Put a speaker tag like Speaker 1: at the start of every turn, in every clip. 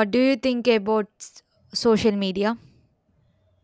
Speaker 1: What do you think about social media?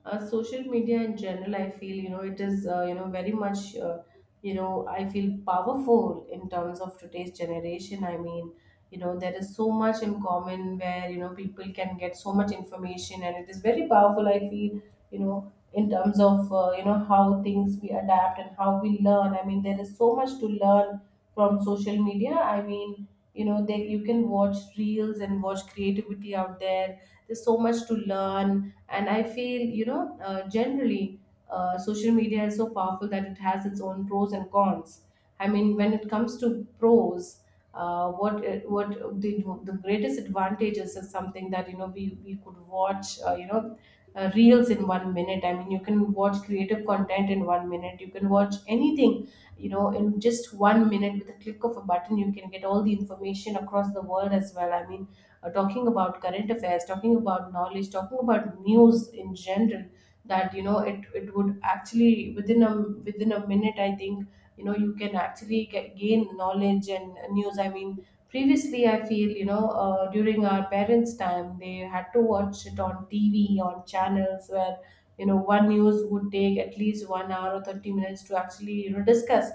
Speaker 2: Social media in general, I feel, you know, it is, you know, very much, you know, I feel powerful in terms of today's generation, I mean, you know, there is so much in common where, you know, people can get so much information, and it is very powerful, I feel, you know, in terms of, you know, how things we adapt and how we learn. I mean, there is so much to learn from social media. I mean, you know they you can watch reels and watch creativity out there. There's so much to learn. And I feel, you know, generally, social media is so powerful that it has its own pros and cons. I mean, when it comes to pros, what the, the greatest advantages is something that, you know, we could watch, you know, reels in 1 minute. I mean, you can watch creative content in 1 minute. You can watch anything, you know, in just 1 minute with a click of a button. You can get all the information across the world as well. I mean, talking about current affairs, talking about knowledge, talking about news in general, that, you know, it would actually, within a minute, I think, you know, you can actually gain knowledge and news. I mean, previously I feel, you know, during our parents' time, they had to watch it on TV on channels where, you know, one news would take at least 1 hour or 30 minutes to actually, you know, discuss.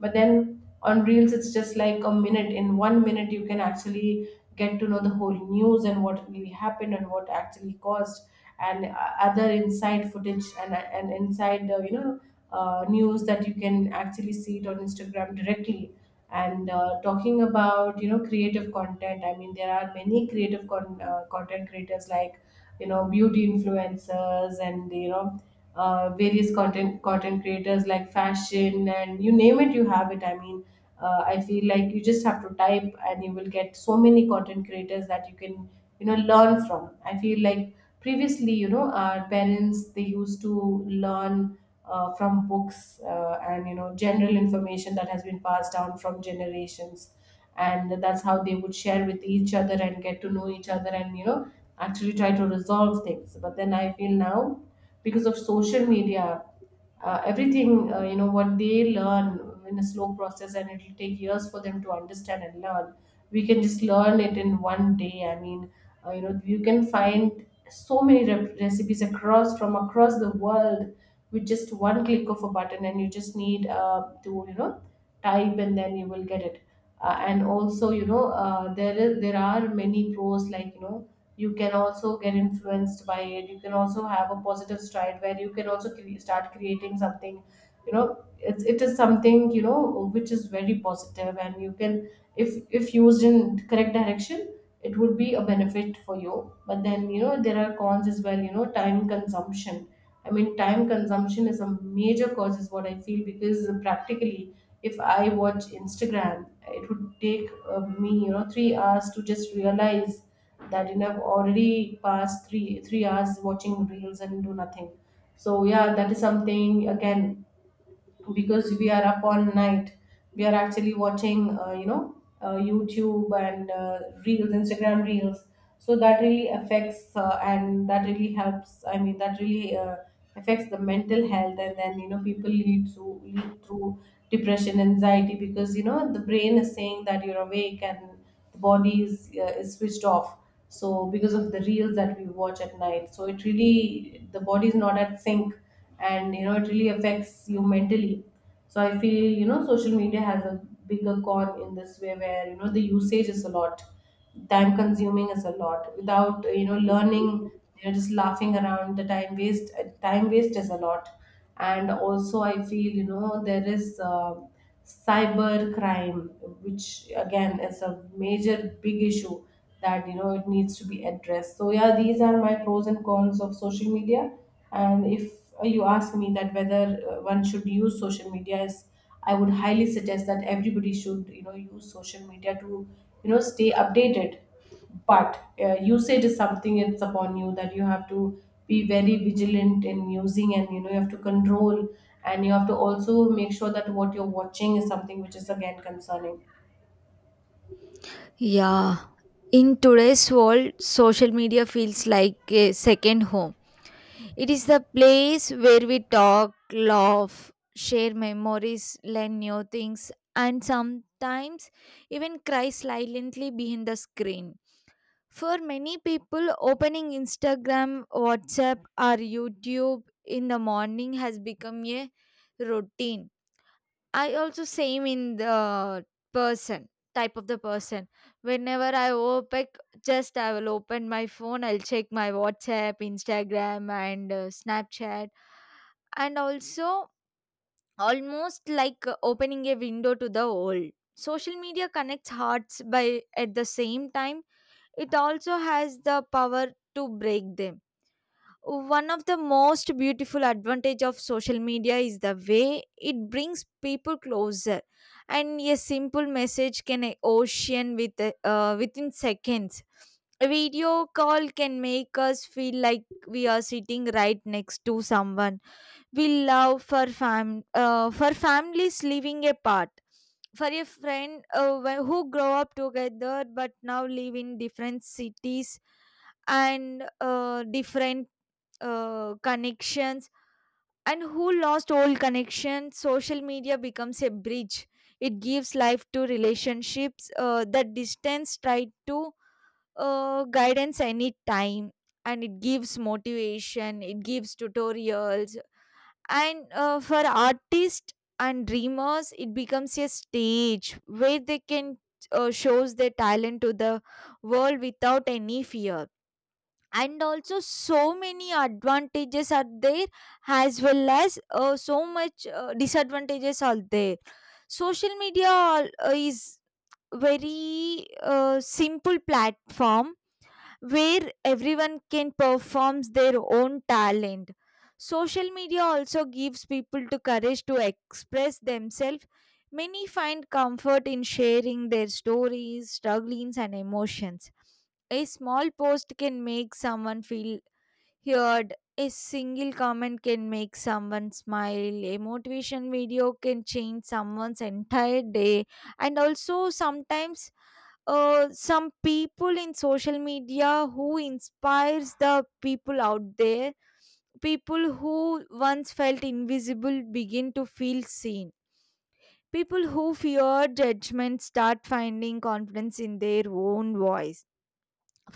Speaker 2: But then, on reels, it's just like a minute. In 1 minute, you can actually get to know the whole news and what really happened and what actually caused, and other inside footage, and inside, you know, news, that you can actually see it on Instagram directly. And talking about, you know, creative content. I mean, there are many content creators like, you know, beauty influencers, and, you know, various content creators like fashion, and you name it, you have it. I mean, I feel like you just have to type and you will get so many content creators that you can, you know, learn from. I feel like, previously, you know, our parents, they used to learn from books, and, you know, general information that has been passed down from generations, and that's how they would share with each other and get to know each other, and, you know, actually try to resolve things. But then, I feel, now, because of social media, everything, you know, what they learn in a slow process and it will take years for them to understand and learn, we can just learn it in one day. I mean, you know, you can find so many recipes across the world with just one click of a button, and you just need, to, you know, type, and then you will get it. And also, you know, there are many pros like, you know, you can also get influenced by it. You can also have a positive stride where you can also start creating something. You know, it is something, you know, which is very positive, and you can, if used in correct direction, it would be a benefit for you. But then, you know, there are cons as well. You know, time consumption. I mean, time consumption is a major cause, is what I feel, because practically, if I watch Instagram, it would take, me, you know, 3 hours to just realize that you have already passed three hours watching reels and do nothing. So yeah, that is something. Again, because we are up all night, we are actually watching, you know, YouTube and, reels, Instagram reels. So that really affects, and that really helps, I mean, that really, affects the mental health. And then, you know, people lead through depression, anxiety, because, you know, the brain is saying that you're awake, and the body is switched off. So because of the reels that we watch at night, so it really, the body is not at sync, and, you know, it really affects you mentally. So I feel, you know, social media has a bigger con in this way, where, you know, the usage is a lot, time consuming is a lot, without, you know, learning. You know, just laughing around, the time waste is a lot. And also I feel, you know, there is, cyber crime, which again is a major big issue that, you know, it needs to be addressed. So yeah, these are my pros and cons of social media. And if you ask me that whether, one should use social media, is, I would highly suggest that everybody should, you know, use social media to, you know, stay updated. But, usage is something, it's upon you that you have to be very vigilant in using, and, you know, you have to control, and you have to also make sure that what you're watching is something which is again concerning.
Speaker 1: Yeah. In today's world, social media feels like a second home. It is the place where we talk, laugh, share memories, learn new things, and sometimes even cry silently behind the screen. For many people, opening Instagram, WhatsApp, or YouTube in the morning has become a routine. I also same in the person type of the person. Whenever I open, just I will open my phone. I'll check my WhatsApp, Instagram, and Snapchat, and also almost like opening a window to the world. Social media connects hearts by at the same time. It also has the power to break them. One of the most beautiful advantage of social media is the way it brings people closer, and a simple message can a ocean with, within seconds. A video call can make us feel like we are sitting right next to someone we love, for families living apart, for a friend, who grow up together but now live in different cities and different connections, and who lost old connections. Social media becomes a bridge. It gives life to relationships. The distance tried to, guidance any time, and it gives motivation, it gives tutorials, and for artists and dreamers it becomes a stage where they can shows their talent to the world without any fear. And also so many advantages are there, as well as so much disadvantages are there. Social media is very simple platform where everyone can perform their own talent. Social media also gives people the courage to express themselves. Many find comfort in sharing their stories, struggles, and emotions. A small post can make someone feel heard. A single comment can make someone smile. A motivation video can change someone's entire day. And also, sometimes some people in social media who inspires the people out there. People who once felt invisible begin to feel seen. People who fear judgment start finding confidence in their own voice.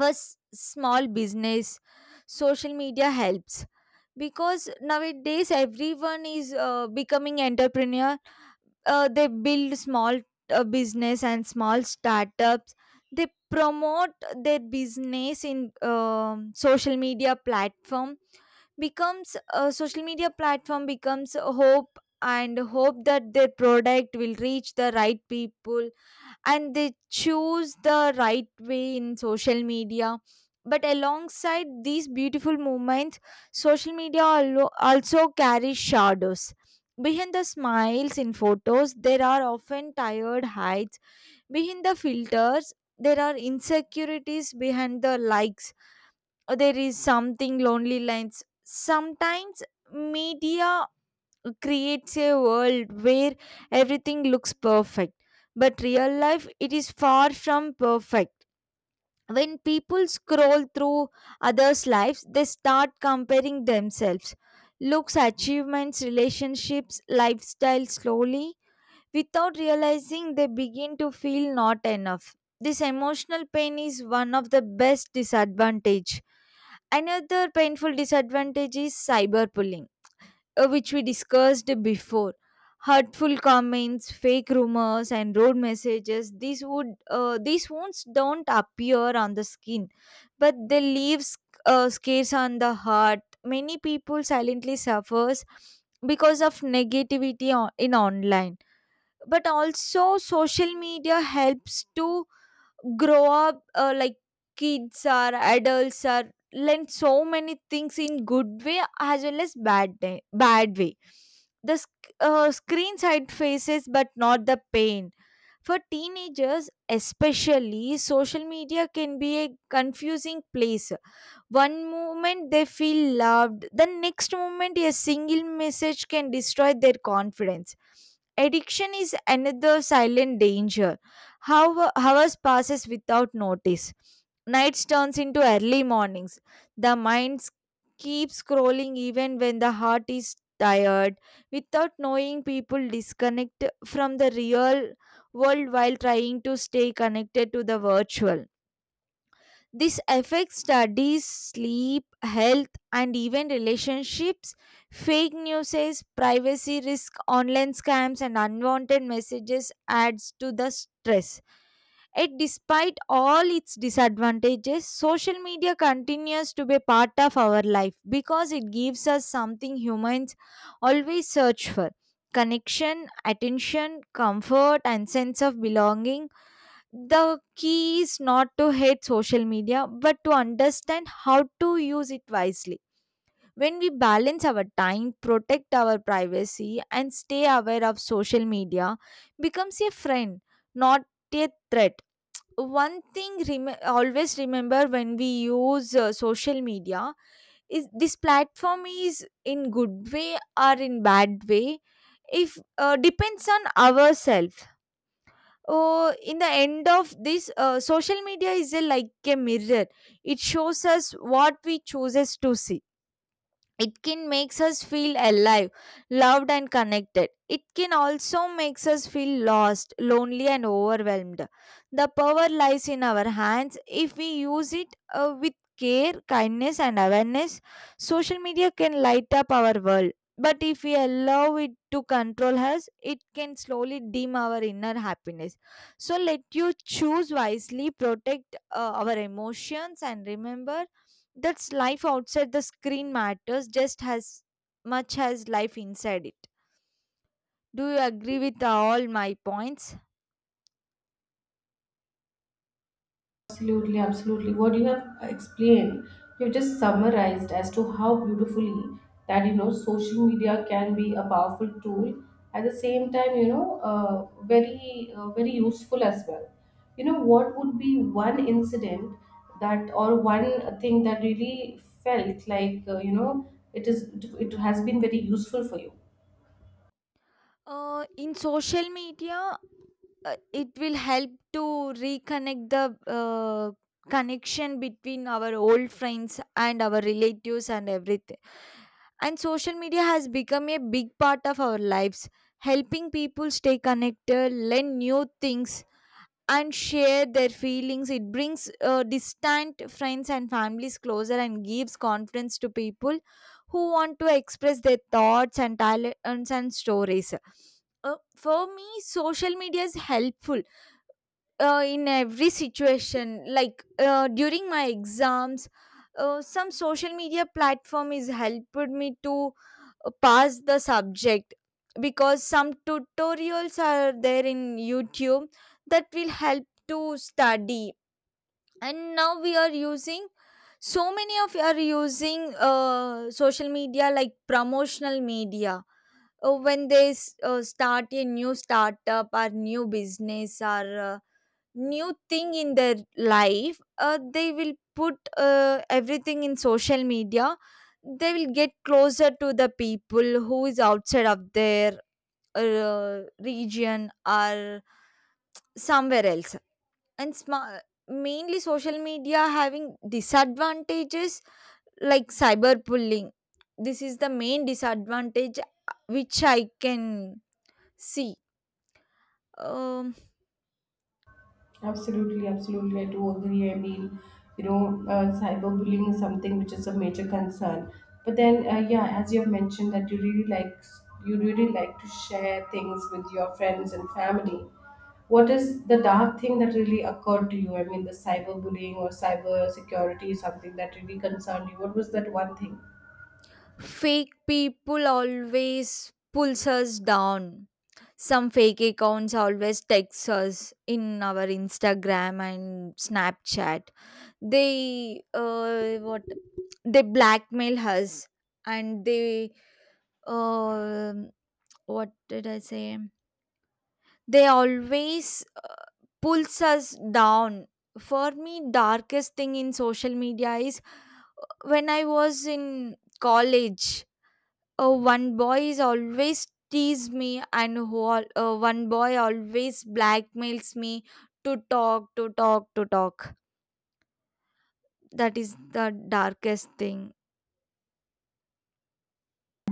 Speaker 1: First small business social media helps, because nowadays everyone is becoming entrepreneur. They build small business and small startups. They promote their business in, social media platform becomes a social media platform becomes a hope, and hope that their product will reach the right people, and they choose the right way in social media. But alongside these beautiful movements, social media also carries shadows. Behind the smiles in photos there are often tired hides, behind the filters there are insecurities, behind the likes or there is something lonely lines. Sometimes media creates a world where everything looks perfect. But real life, it is far from perfect. When people scroll through others' lives, they start comparing themselves. Looks, achievements, relationships, lifestyle slowly. Without realizing, they begin to feel not enough. This emotional pain is one of the best disadvantage. Another painful disadvantage is cyberbullying, which we discussed before. Hurtful comments, fake rumors, and road messages, these wounds don't appear on the skin, but they leave scars on the heart. Many people silently suffers because of negativity in online. But also social media helps to grow up, like kids or adults are learn so many things in good way as well as bad way. The screen side faces but not the pain. For teenagers especially, social media can be a confusing place. One moment they feel loved, the next moment a single message can destroy their confidence. Addiction is another silent danger. How hours passes without notice. Nights turns into early mornings. The mind keeps scrolling even when the heart is tired. Without knowing, people disconnect from the real world while trying to stay connected to the virtual. This affects studies, sleep, health, and even relationships. Fake news, privacy risk, online scams, and unwanted messages adds to the stress. Yet, despite all its disadvantages, social media continues to be a part of our life, because it gives us something humans always search for: connection, attention, comfort, and sense of belonging. The key is not to hate social media but to understand how to use it wisely. When we balance our time, protect our privacy and stay aware, of social media becomes a friend, not a threat. One thing always remember, when we use social media, is this platform is in good way or in bad way, if depends on ourselves. Oh, in the end of this, social media is like a mirror. It shows us what we chooses to see. It can makes us feel alive, loved and connected. It can also makes us feel lost, lonely and overwhelmed. The power lies in our hands. If we use it with care, kindness and awareness, social media can light up our world. But if we allow it to control us, it can slowly dim our inner happiness. So let you choose wisely, protect our emotions, and remember that's life outside the screen matters just as much as life inside it. Do you agree with all my points?
Speaker 2: Absolutely, absolutely. What you have explained, you've just summarized as to how beautifully that, you know, social media can be a powerful tool. At the same time, you know, very useful as well. You know, what would be one incident that, or one thing that really felt like, you know, it is it has been very useful for you?
Speaker 1: In social media, it will help to reconnect the, connection between our old friends and our relatives and everything. And social media has become a big part of our lives, helping people stay connected, learn new things, and share their feelings. It brings distant friends and families closer, and gives confidence to people who want to express their thoughts and talents and stories. For me, social media is helpful in every situation. Like during my exams, some social media platform is helped me to pass the subject, because some tutorials are there in YouTube that will help to study. And now we are using, so many of you are using social media like promotional media. When they start a new startup or new business, or new thing in their life, they will put everything in social media. They will get closer to the people who is outside of their region or somewhere else. And mainly social media having disadvantages like cyberbullying. This is the main disadvantage which I can see. um,
Speaker 2: Absolutely, absolutely. I do agree. I mean, you know, cyberbullying is something which is a major concern. But then, yeah, as you have mentioned, that you really like to share things with your friends and family. What is the dark thing that really occurred to you? I mean, the cyberbullying or cyber security is something that really concerned you. What was that one thing?
Speaker 1: Fake people always pulls us down. Some fake accounts always text us in our Instagram and Snapchat. They, what, they blackmail us. And they, um what did I say? They always pulls us down. For me, darkest thing in social media is when I was in college. One boy is always tease me, and who one boy always blackmails me to talk, to talk, to talk. That is the darkest thing.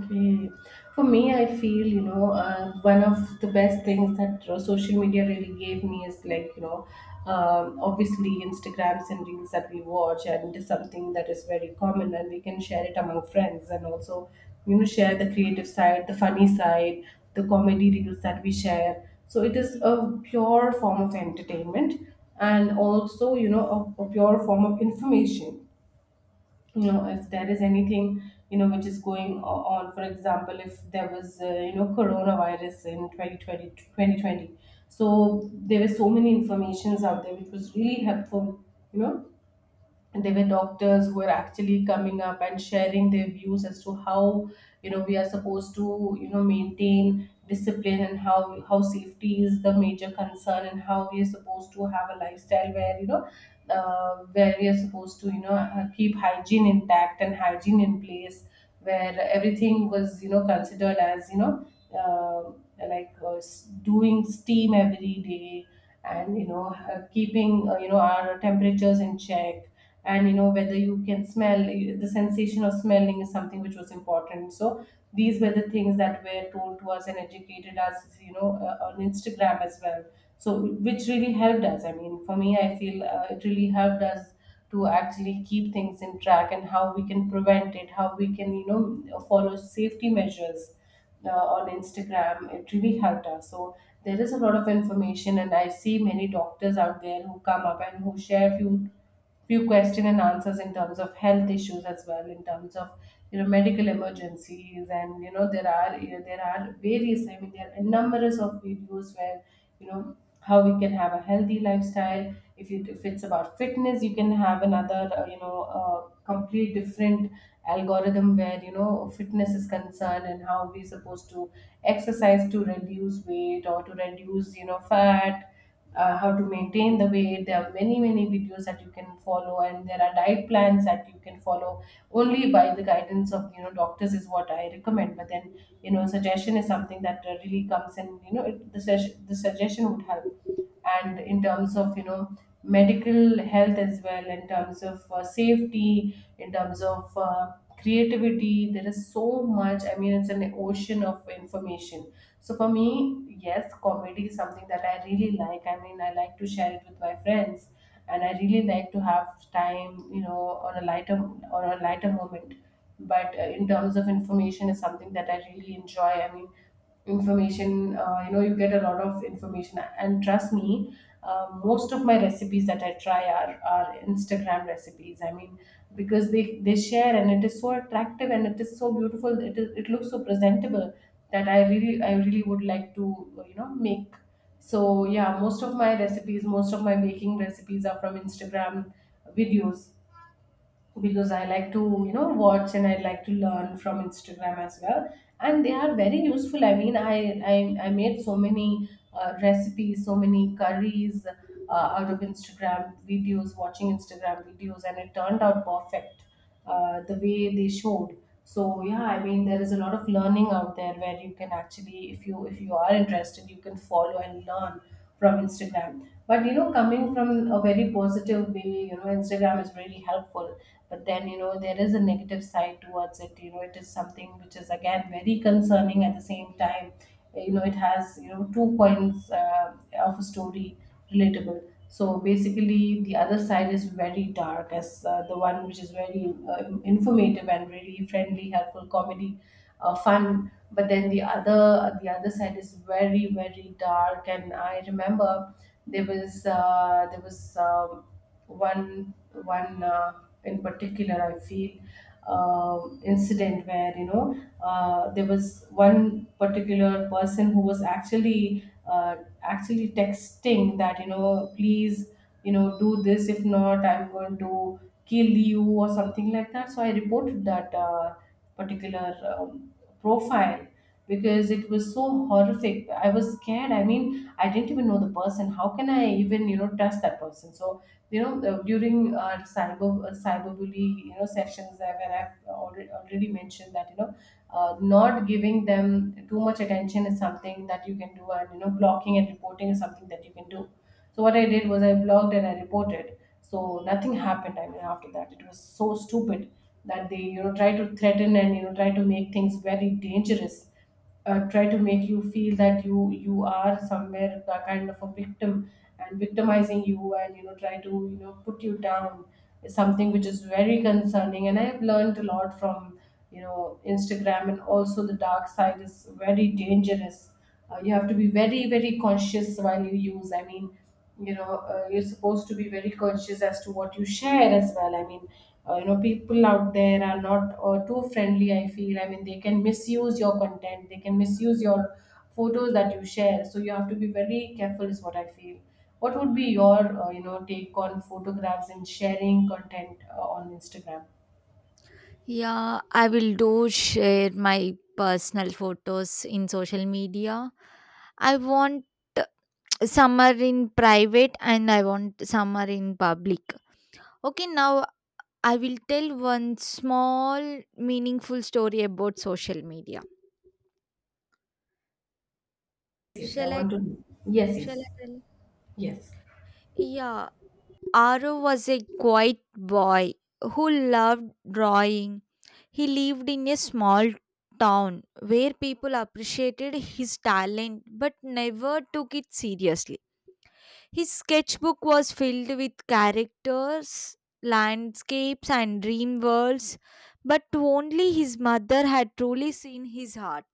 Speaker 2: Okay. For me, I feel, you know, one of the best things that, social media really gave me is like, you know, obviously, Instagrams and reels that we watch, and it is something that is very common, and we can share it among friends, and also, you know, share the creative side, the funny side, the comedy reels that we share. So it is a pure form of entertainment, and also, you know, a pure form of information. You know, if there is anything, you know, which is going on. For example, if there was, you know, coronavirus in 2020, so there were so many informations out there which was really helpful, you know, and there were doctors who were actually coming up and sharing their views as to how, you know, we are supposed to, you know, maintain discipline, and how safety is the major concern, and how we are supposed to have a lifestyle where, you know, where we are supposed to, you know, keep hygiene intact and hygiene in place, where everything was, you know, considered as, you know, like, doing steam every day, and, you know, keeping, you know, our temperatures in check, and, you know, whether you can smell, the sensation of smelling is something which was important. So these were the things that were told to us and educated us, you know, on Instagram as well. So which really helped us. I mean, for me, I feel, it really helped us to actually keep things in track, and how we can prevent it, how we can, you know, follow safety measures, on Instagram. It really helped us. So there is a lot of information, and I see many doctors out there who come up and who share few question and answers in terms of health issues as well, in terms of, you know, medical emergencies. And you know, there are various. I mean, there are numerous of videos where, you know, how we can have a healthy lifestyle. If it's about fitness, you can have another, you know, complete different algorithm, where, you know, fitness is concerned, and how we're supposed to exercise to reduce weight, or to reduce, you know, fat, how to maintain the weight. There are many, many videos that you can follow, and there are diet plans that you can follow only by the guidance of, you know, doctors, is what I recommend. But then, you know, suggestion is something that, really comes in. You know the suggestion would help and in terms of medical health as well, in terms of safety, in terms of creativity, there is so much. I mean, it's an ocean of information. So for me, yes, comedy is something that I really like. I mean, I like to share it with my friends and I really like to have time, on a lighter on a lighter moment. But in terms of information, is something that I really enjoy. I mean, information, you know, you get a lot of information, and trust me, most of my recipes that I try are Instagram recipes. I mean, because they share and it is so attractive and it is so beautiful. It is, it looks so presentable, that I really, I really would like to, you know, make. So, yeah, most of my recipes, most of my baking recipes are from Instagram videos, because I like to, you know, watch, and I like to learn from Instagram as well. And they are very useful. I mean, I made so many recipes, so many curries out of Instagram videos, watching Instagram videos, and it turned out perfect the way they showed. So yeah, I mean, there is a lot of learning out there where you can actually, if you are interested, you can follow and learn from Instagram. But you know, coming from a very positive way, you know, Instagram is really helpful. But then you know, there is a negative side towards it. You know, it is something which is again very concerning at the same time. You know, it has, you know, two coins of a story. Relatable. So basically, the other side is very dark as the one which is very informative and really friendly, helpful, comedy, fun. But then the other, the other side is very, very dark. And I remember there was um, one one in particular, I feel, um incident where you know, there was one particular person who was actually, uh, actually texting that, you know, please, you know, do this, if not I'm going to kill you or something like that. So I reported that particular profile, because it was so horrific. I was scared. I mean, I didn't even know the person. How can I even, you know, trust that person? So you know, during our cyberbully, you know, sessions, where I've already mentioned that you know, not giving them too much attention is something that you can do, and you know, blocking and reporting is something that you can do. So what I did was, I blocked and I reported. So nothing happened. I mean, after that, it was so stupid that they, you know, try to threaten and you know, try to make things very dangerous, try to make you feel that you are somewhere a kind of a victim and victimizing you and you know, try to, you know, put you down, is something which is very concerning. And I have learned a lot from, you know, Instagram. And also the dark side is very dangerous. You have to be very, very conscious while you use. I mean, you know, you're supposed to be very conscious as to what you share as well. I mean, you know, people out there are not too friendly, I feel. I mean, they can misuse your content, they can misuse your photos that you share. So you have to be very careful, is what I feel. What would be your you know, take on photographs and sharing content on Instagram?
Speaker 1: Yeah, I will do share my personal photos in social media. I want some are in private and I want some are in public. Okay, now I will tell one small meaningful story about social media.
Speaker 2: Yes, yes, I
Speaker 1: Shall I,
Speaker 2: want to. Yes, yes.
Speaker 1: shall I tell?
Speaker 2: Yes.
Speaker 1: Yeah, Aro was a quiet boy who loved drawing. He lived in a small town where people appreciated his talent but never took it seriously. His sketchbook was filled with characters, landscapes, and dream worlds, but only his mother had truly seen his heart.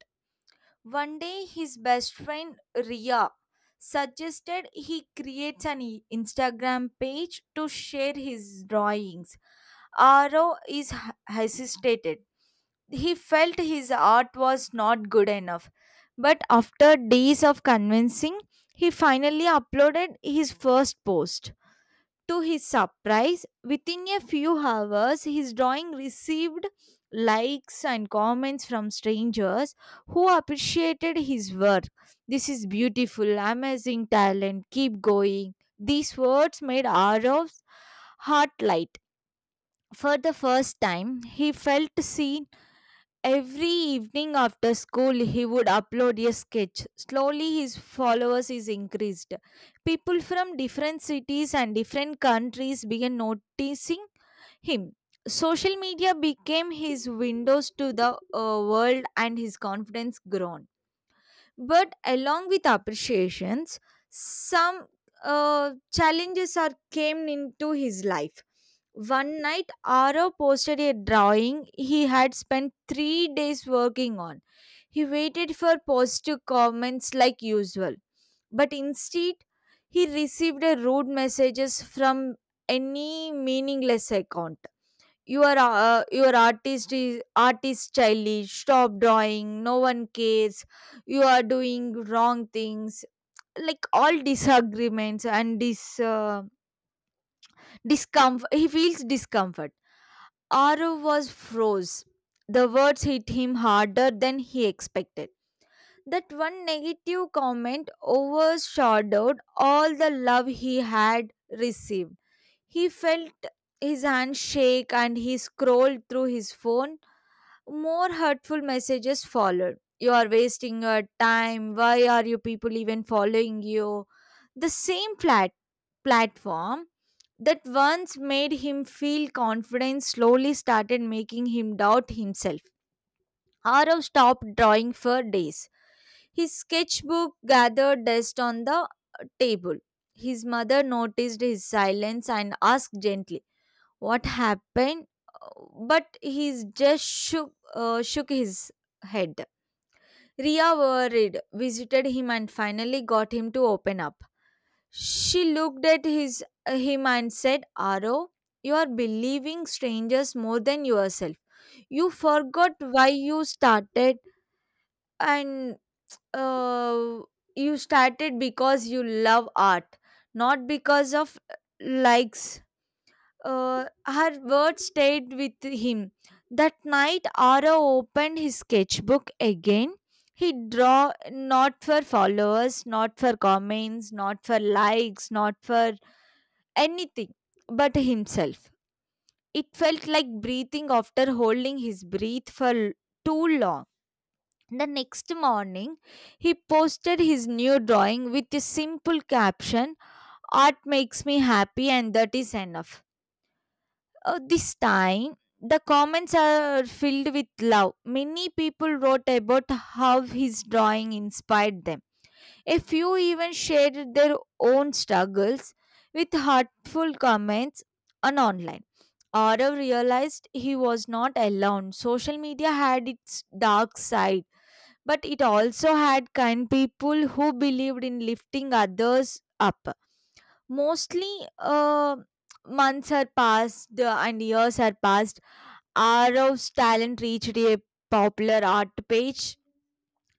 Speaker 1: One day, his best friend Ria suggested he creates an Instagram page to share his drawings. Aro is hesitated. He felt his art was not good enough. But after days of convincing, he finally uploaded his first post. To his surprise, within a few hours, his drawing received likes and comments from strangers who appreciated his work. This is beautiful, amazing talent, keep going. These words made Arav's heart light. For the first time, he felt seen. Every evening after school, he would upload a sketch. Slowly, his followers is increased. People from different cities and different countries began noticing him. Social media became his windows to the, world, and his confidence grown. But along with appreciations, some challenges are came into his life. One night, Arav posted a drawing he had spent 3 days working on. He waited for positive comments like usual, but instead, he received a rude messages from any meaningless account. Your artist is artist childish, stop drawing, no one cares, you are doing wrong things, like all disagreements. And this discomfort, he feels discomfort. Aru was froze. The words hit him harder than he expected. That one negative comment overshadowed all the love he had received. He felt his hand shake, and he scrolled through his phone. More hurtful messages followed. You are wasting your time. Why are you people even following you? The same flat platform that once made him feel confident slowly started making him doubt himself. Arav stopped drawing for days. His sketchbook gathered dust on the table. His mother noticed his silence and asked gently, what happened? But he just shook his head. Ria worried, visited him, and finally got him to open up. She looked at his him and said, Aro, you are believing strangers more than yourself. You forgot why you started, and uh, you started because you love art, not because of likes. Her words stayed with him. That night, Ara opened his sketchbook again. He draw not for followers, not for comments, not for likes, not for anything but himself. It felt like breathing after holding his breath for too long. The next morning, he posted his new drawing with a simple caption: art makes me happy, and that is enough. This time, the comments are filled with love. Many people wrote about how his drawing inspired them. A few even shared their own struggles with heartful comments on online. Arav realized he was not alone. Social media had its dark side, but it also had kind people who believed in lifting others up. Mostly, uh, months had passed, and years had passed. Arav's talent reached a popular art page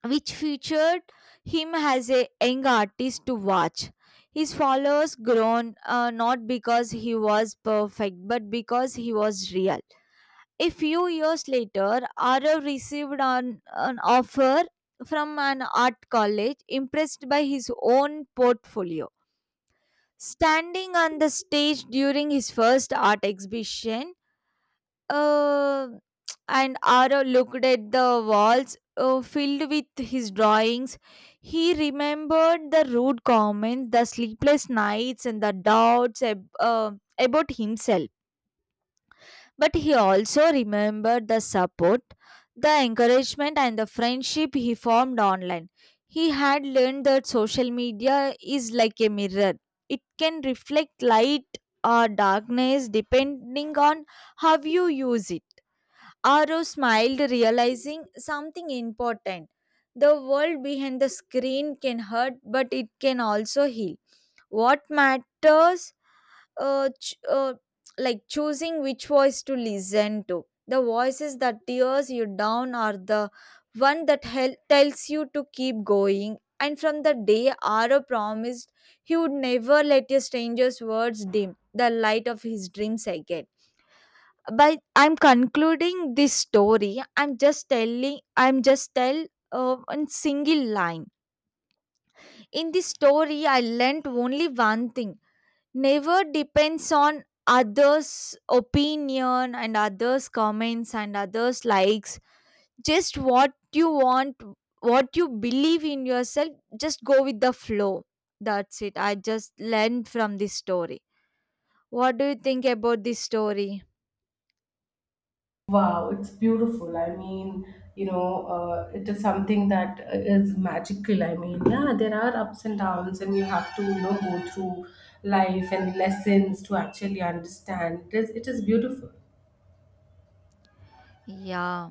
Speaker 1: which featured him as a young artist to watch. His followers grown, not because he was perfect, but because he was real. A few years later, Arav received an offer from an art college, impressed by his own portfolio. Standing on the stage during his first art exhibition, uh, and Arav looked at the walls, filled with his drawings. He remembered the rude comments, the sleepless nights, and the doubts about himself. But he also remembered the support, the encouragement, and the friendship he formed online. He had learned that social media is like a mirror, it can reflect light or darkness depending on how you use it. Aro smiled, realizing something important. The world behind the screen can hurt, but it can also heal. What matters, uh, ch- uh, like choosing which voice to listen to. The voices that tears you down are the one that tells you to keep going. And from the day Aro promised, he would never let a stranger's words dim the light of his dreams again. But I'm concluding this story. I'm just telling I'm just tell one single line. In this story I learnt only one thing: never depends on others opinion and others comments and others likes, just what you want, what you believe in yourself, just go with the flow. That's it. I just learned from this story. What do you think about this story?
Speaker 2: Wow, it's beautiful. I mean, you know, it is something that is magical. I mean, yeah, there are ups and downs, and you have to, you know, go through life and lessons to actually understand. It is beautiful.
Speaker 1: Yeah,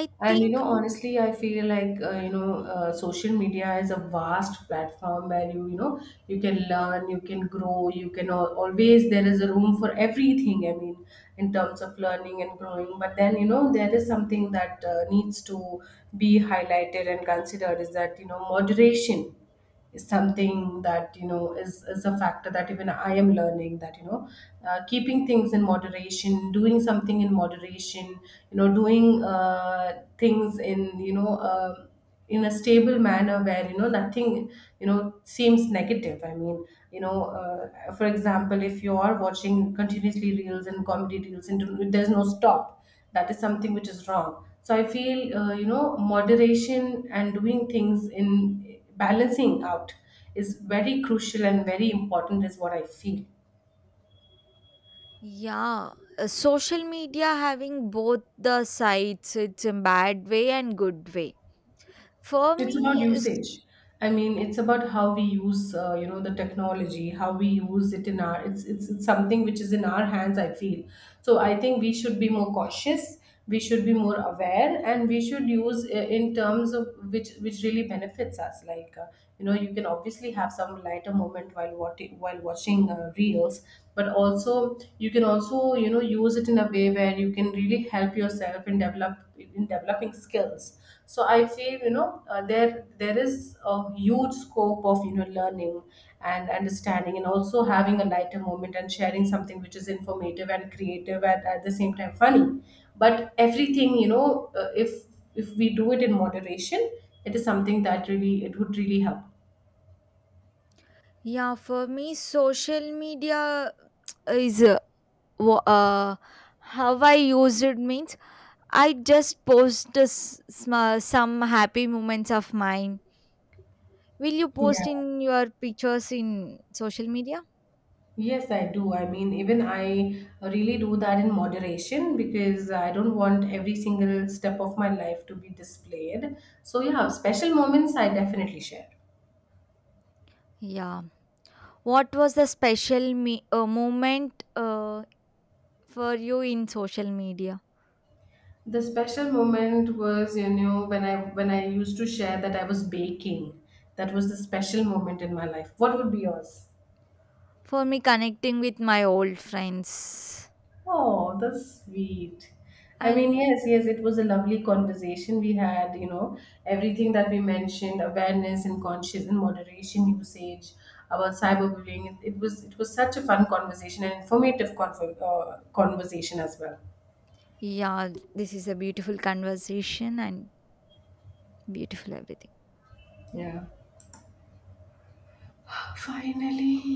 Speaker 1: I
Speaker 2: And you
Speaker 1: think.
Speaker 2: know, honestly, I feel like you know, social media is a vast platform where you know you can learn, you can grow, you can always there is a room for everything. I mean, in terms of learning and growing. But then you know, there is something that needs to be highlighted and considered, is that you know, moderation is something that you know is a factor, that even I am learning, that you know, keeping things in moderation, doing something in moderation, you know, doing things in, you know, in a stable manner where you know, nothing, you know, seems negative. I mean, you know, for example, if you are watching continuously reels and comedy reels and there's no stop, that is something which is wrong. So I feel you know, moderation and doing things in balancing out is very crucial and very important, is what I feel.
Speaker 1: Yeah, social media having both the sides, it's a bad way and good way. For
Speaker 2: It's
Speaker 1: me,
Speaker 2: about usage. I mean, it's about how we use, you know, the technology, how we use it in our. It's something which is in our hands, I feel so. I think we should be more cautious. We should be more aware, and we should use in terms of which really benefits us. Like you know, you can obviously have some lighter moment while watching, reels, but also you can also, you know, use it in a way where you can really help yourself in developing skills. So I feel, you know, there is a huge scope of, you know, learning and understanding, and also having a lighter moment and sharing something which is informative and creative and at the same time funny. But everything, you know, if we do it in moderation, it is something that really, it would really help.
Speaker 1: yeah, for me, social media is wha- uh, how I use it means I just post some happy moments of mine. Will you post
Speaker 2: Yeah.
Speaker 1: in your pictures in social media?
Speaker 2: Yes, I do. I mean, even I really do that in moderation, because I don't want every single step of my life to be displayed. So, yeah, special moments I definitely share.
Speaker 1: Yeah. What was the special moment for you in social media?
Speaker 2: The special moment was, you know, when I used to share that I was baking. That was the special moment in my life. What would be yours?
Speaker 1: For me, connecting with my old friends.
Speaker 2: Oh, that's sweet. I mean,
Speaker 1: And
Speaker 2: yes, yes, it was a lovely conversation we had, you know, everything that we mentioned, awareness and conscious and moderation usage about cyberbullying. It was, it was such a fun conversation and conversation as well.
Speaker 1: yeah, this is a beautiful conversation and beautiful everything.
Speaker 2: Yeah. Finally.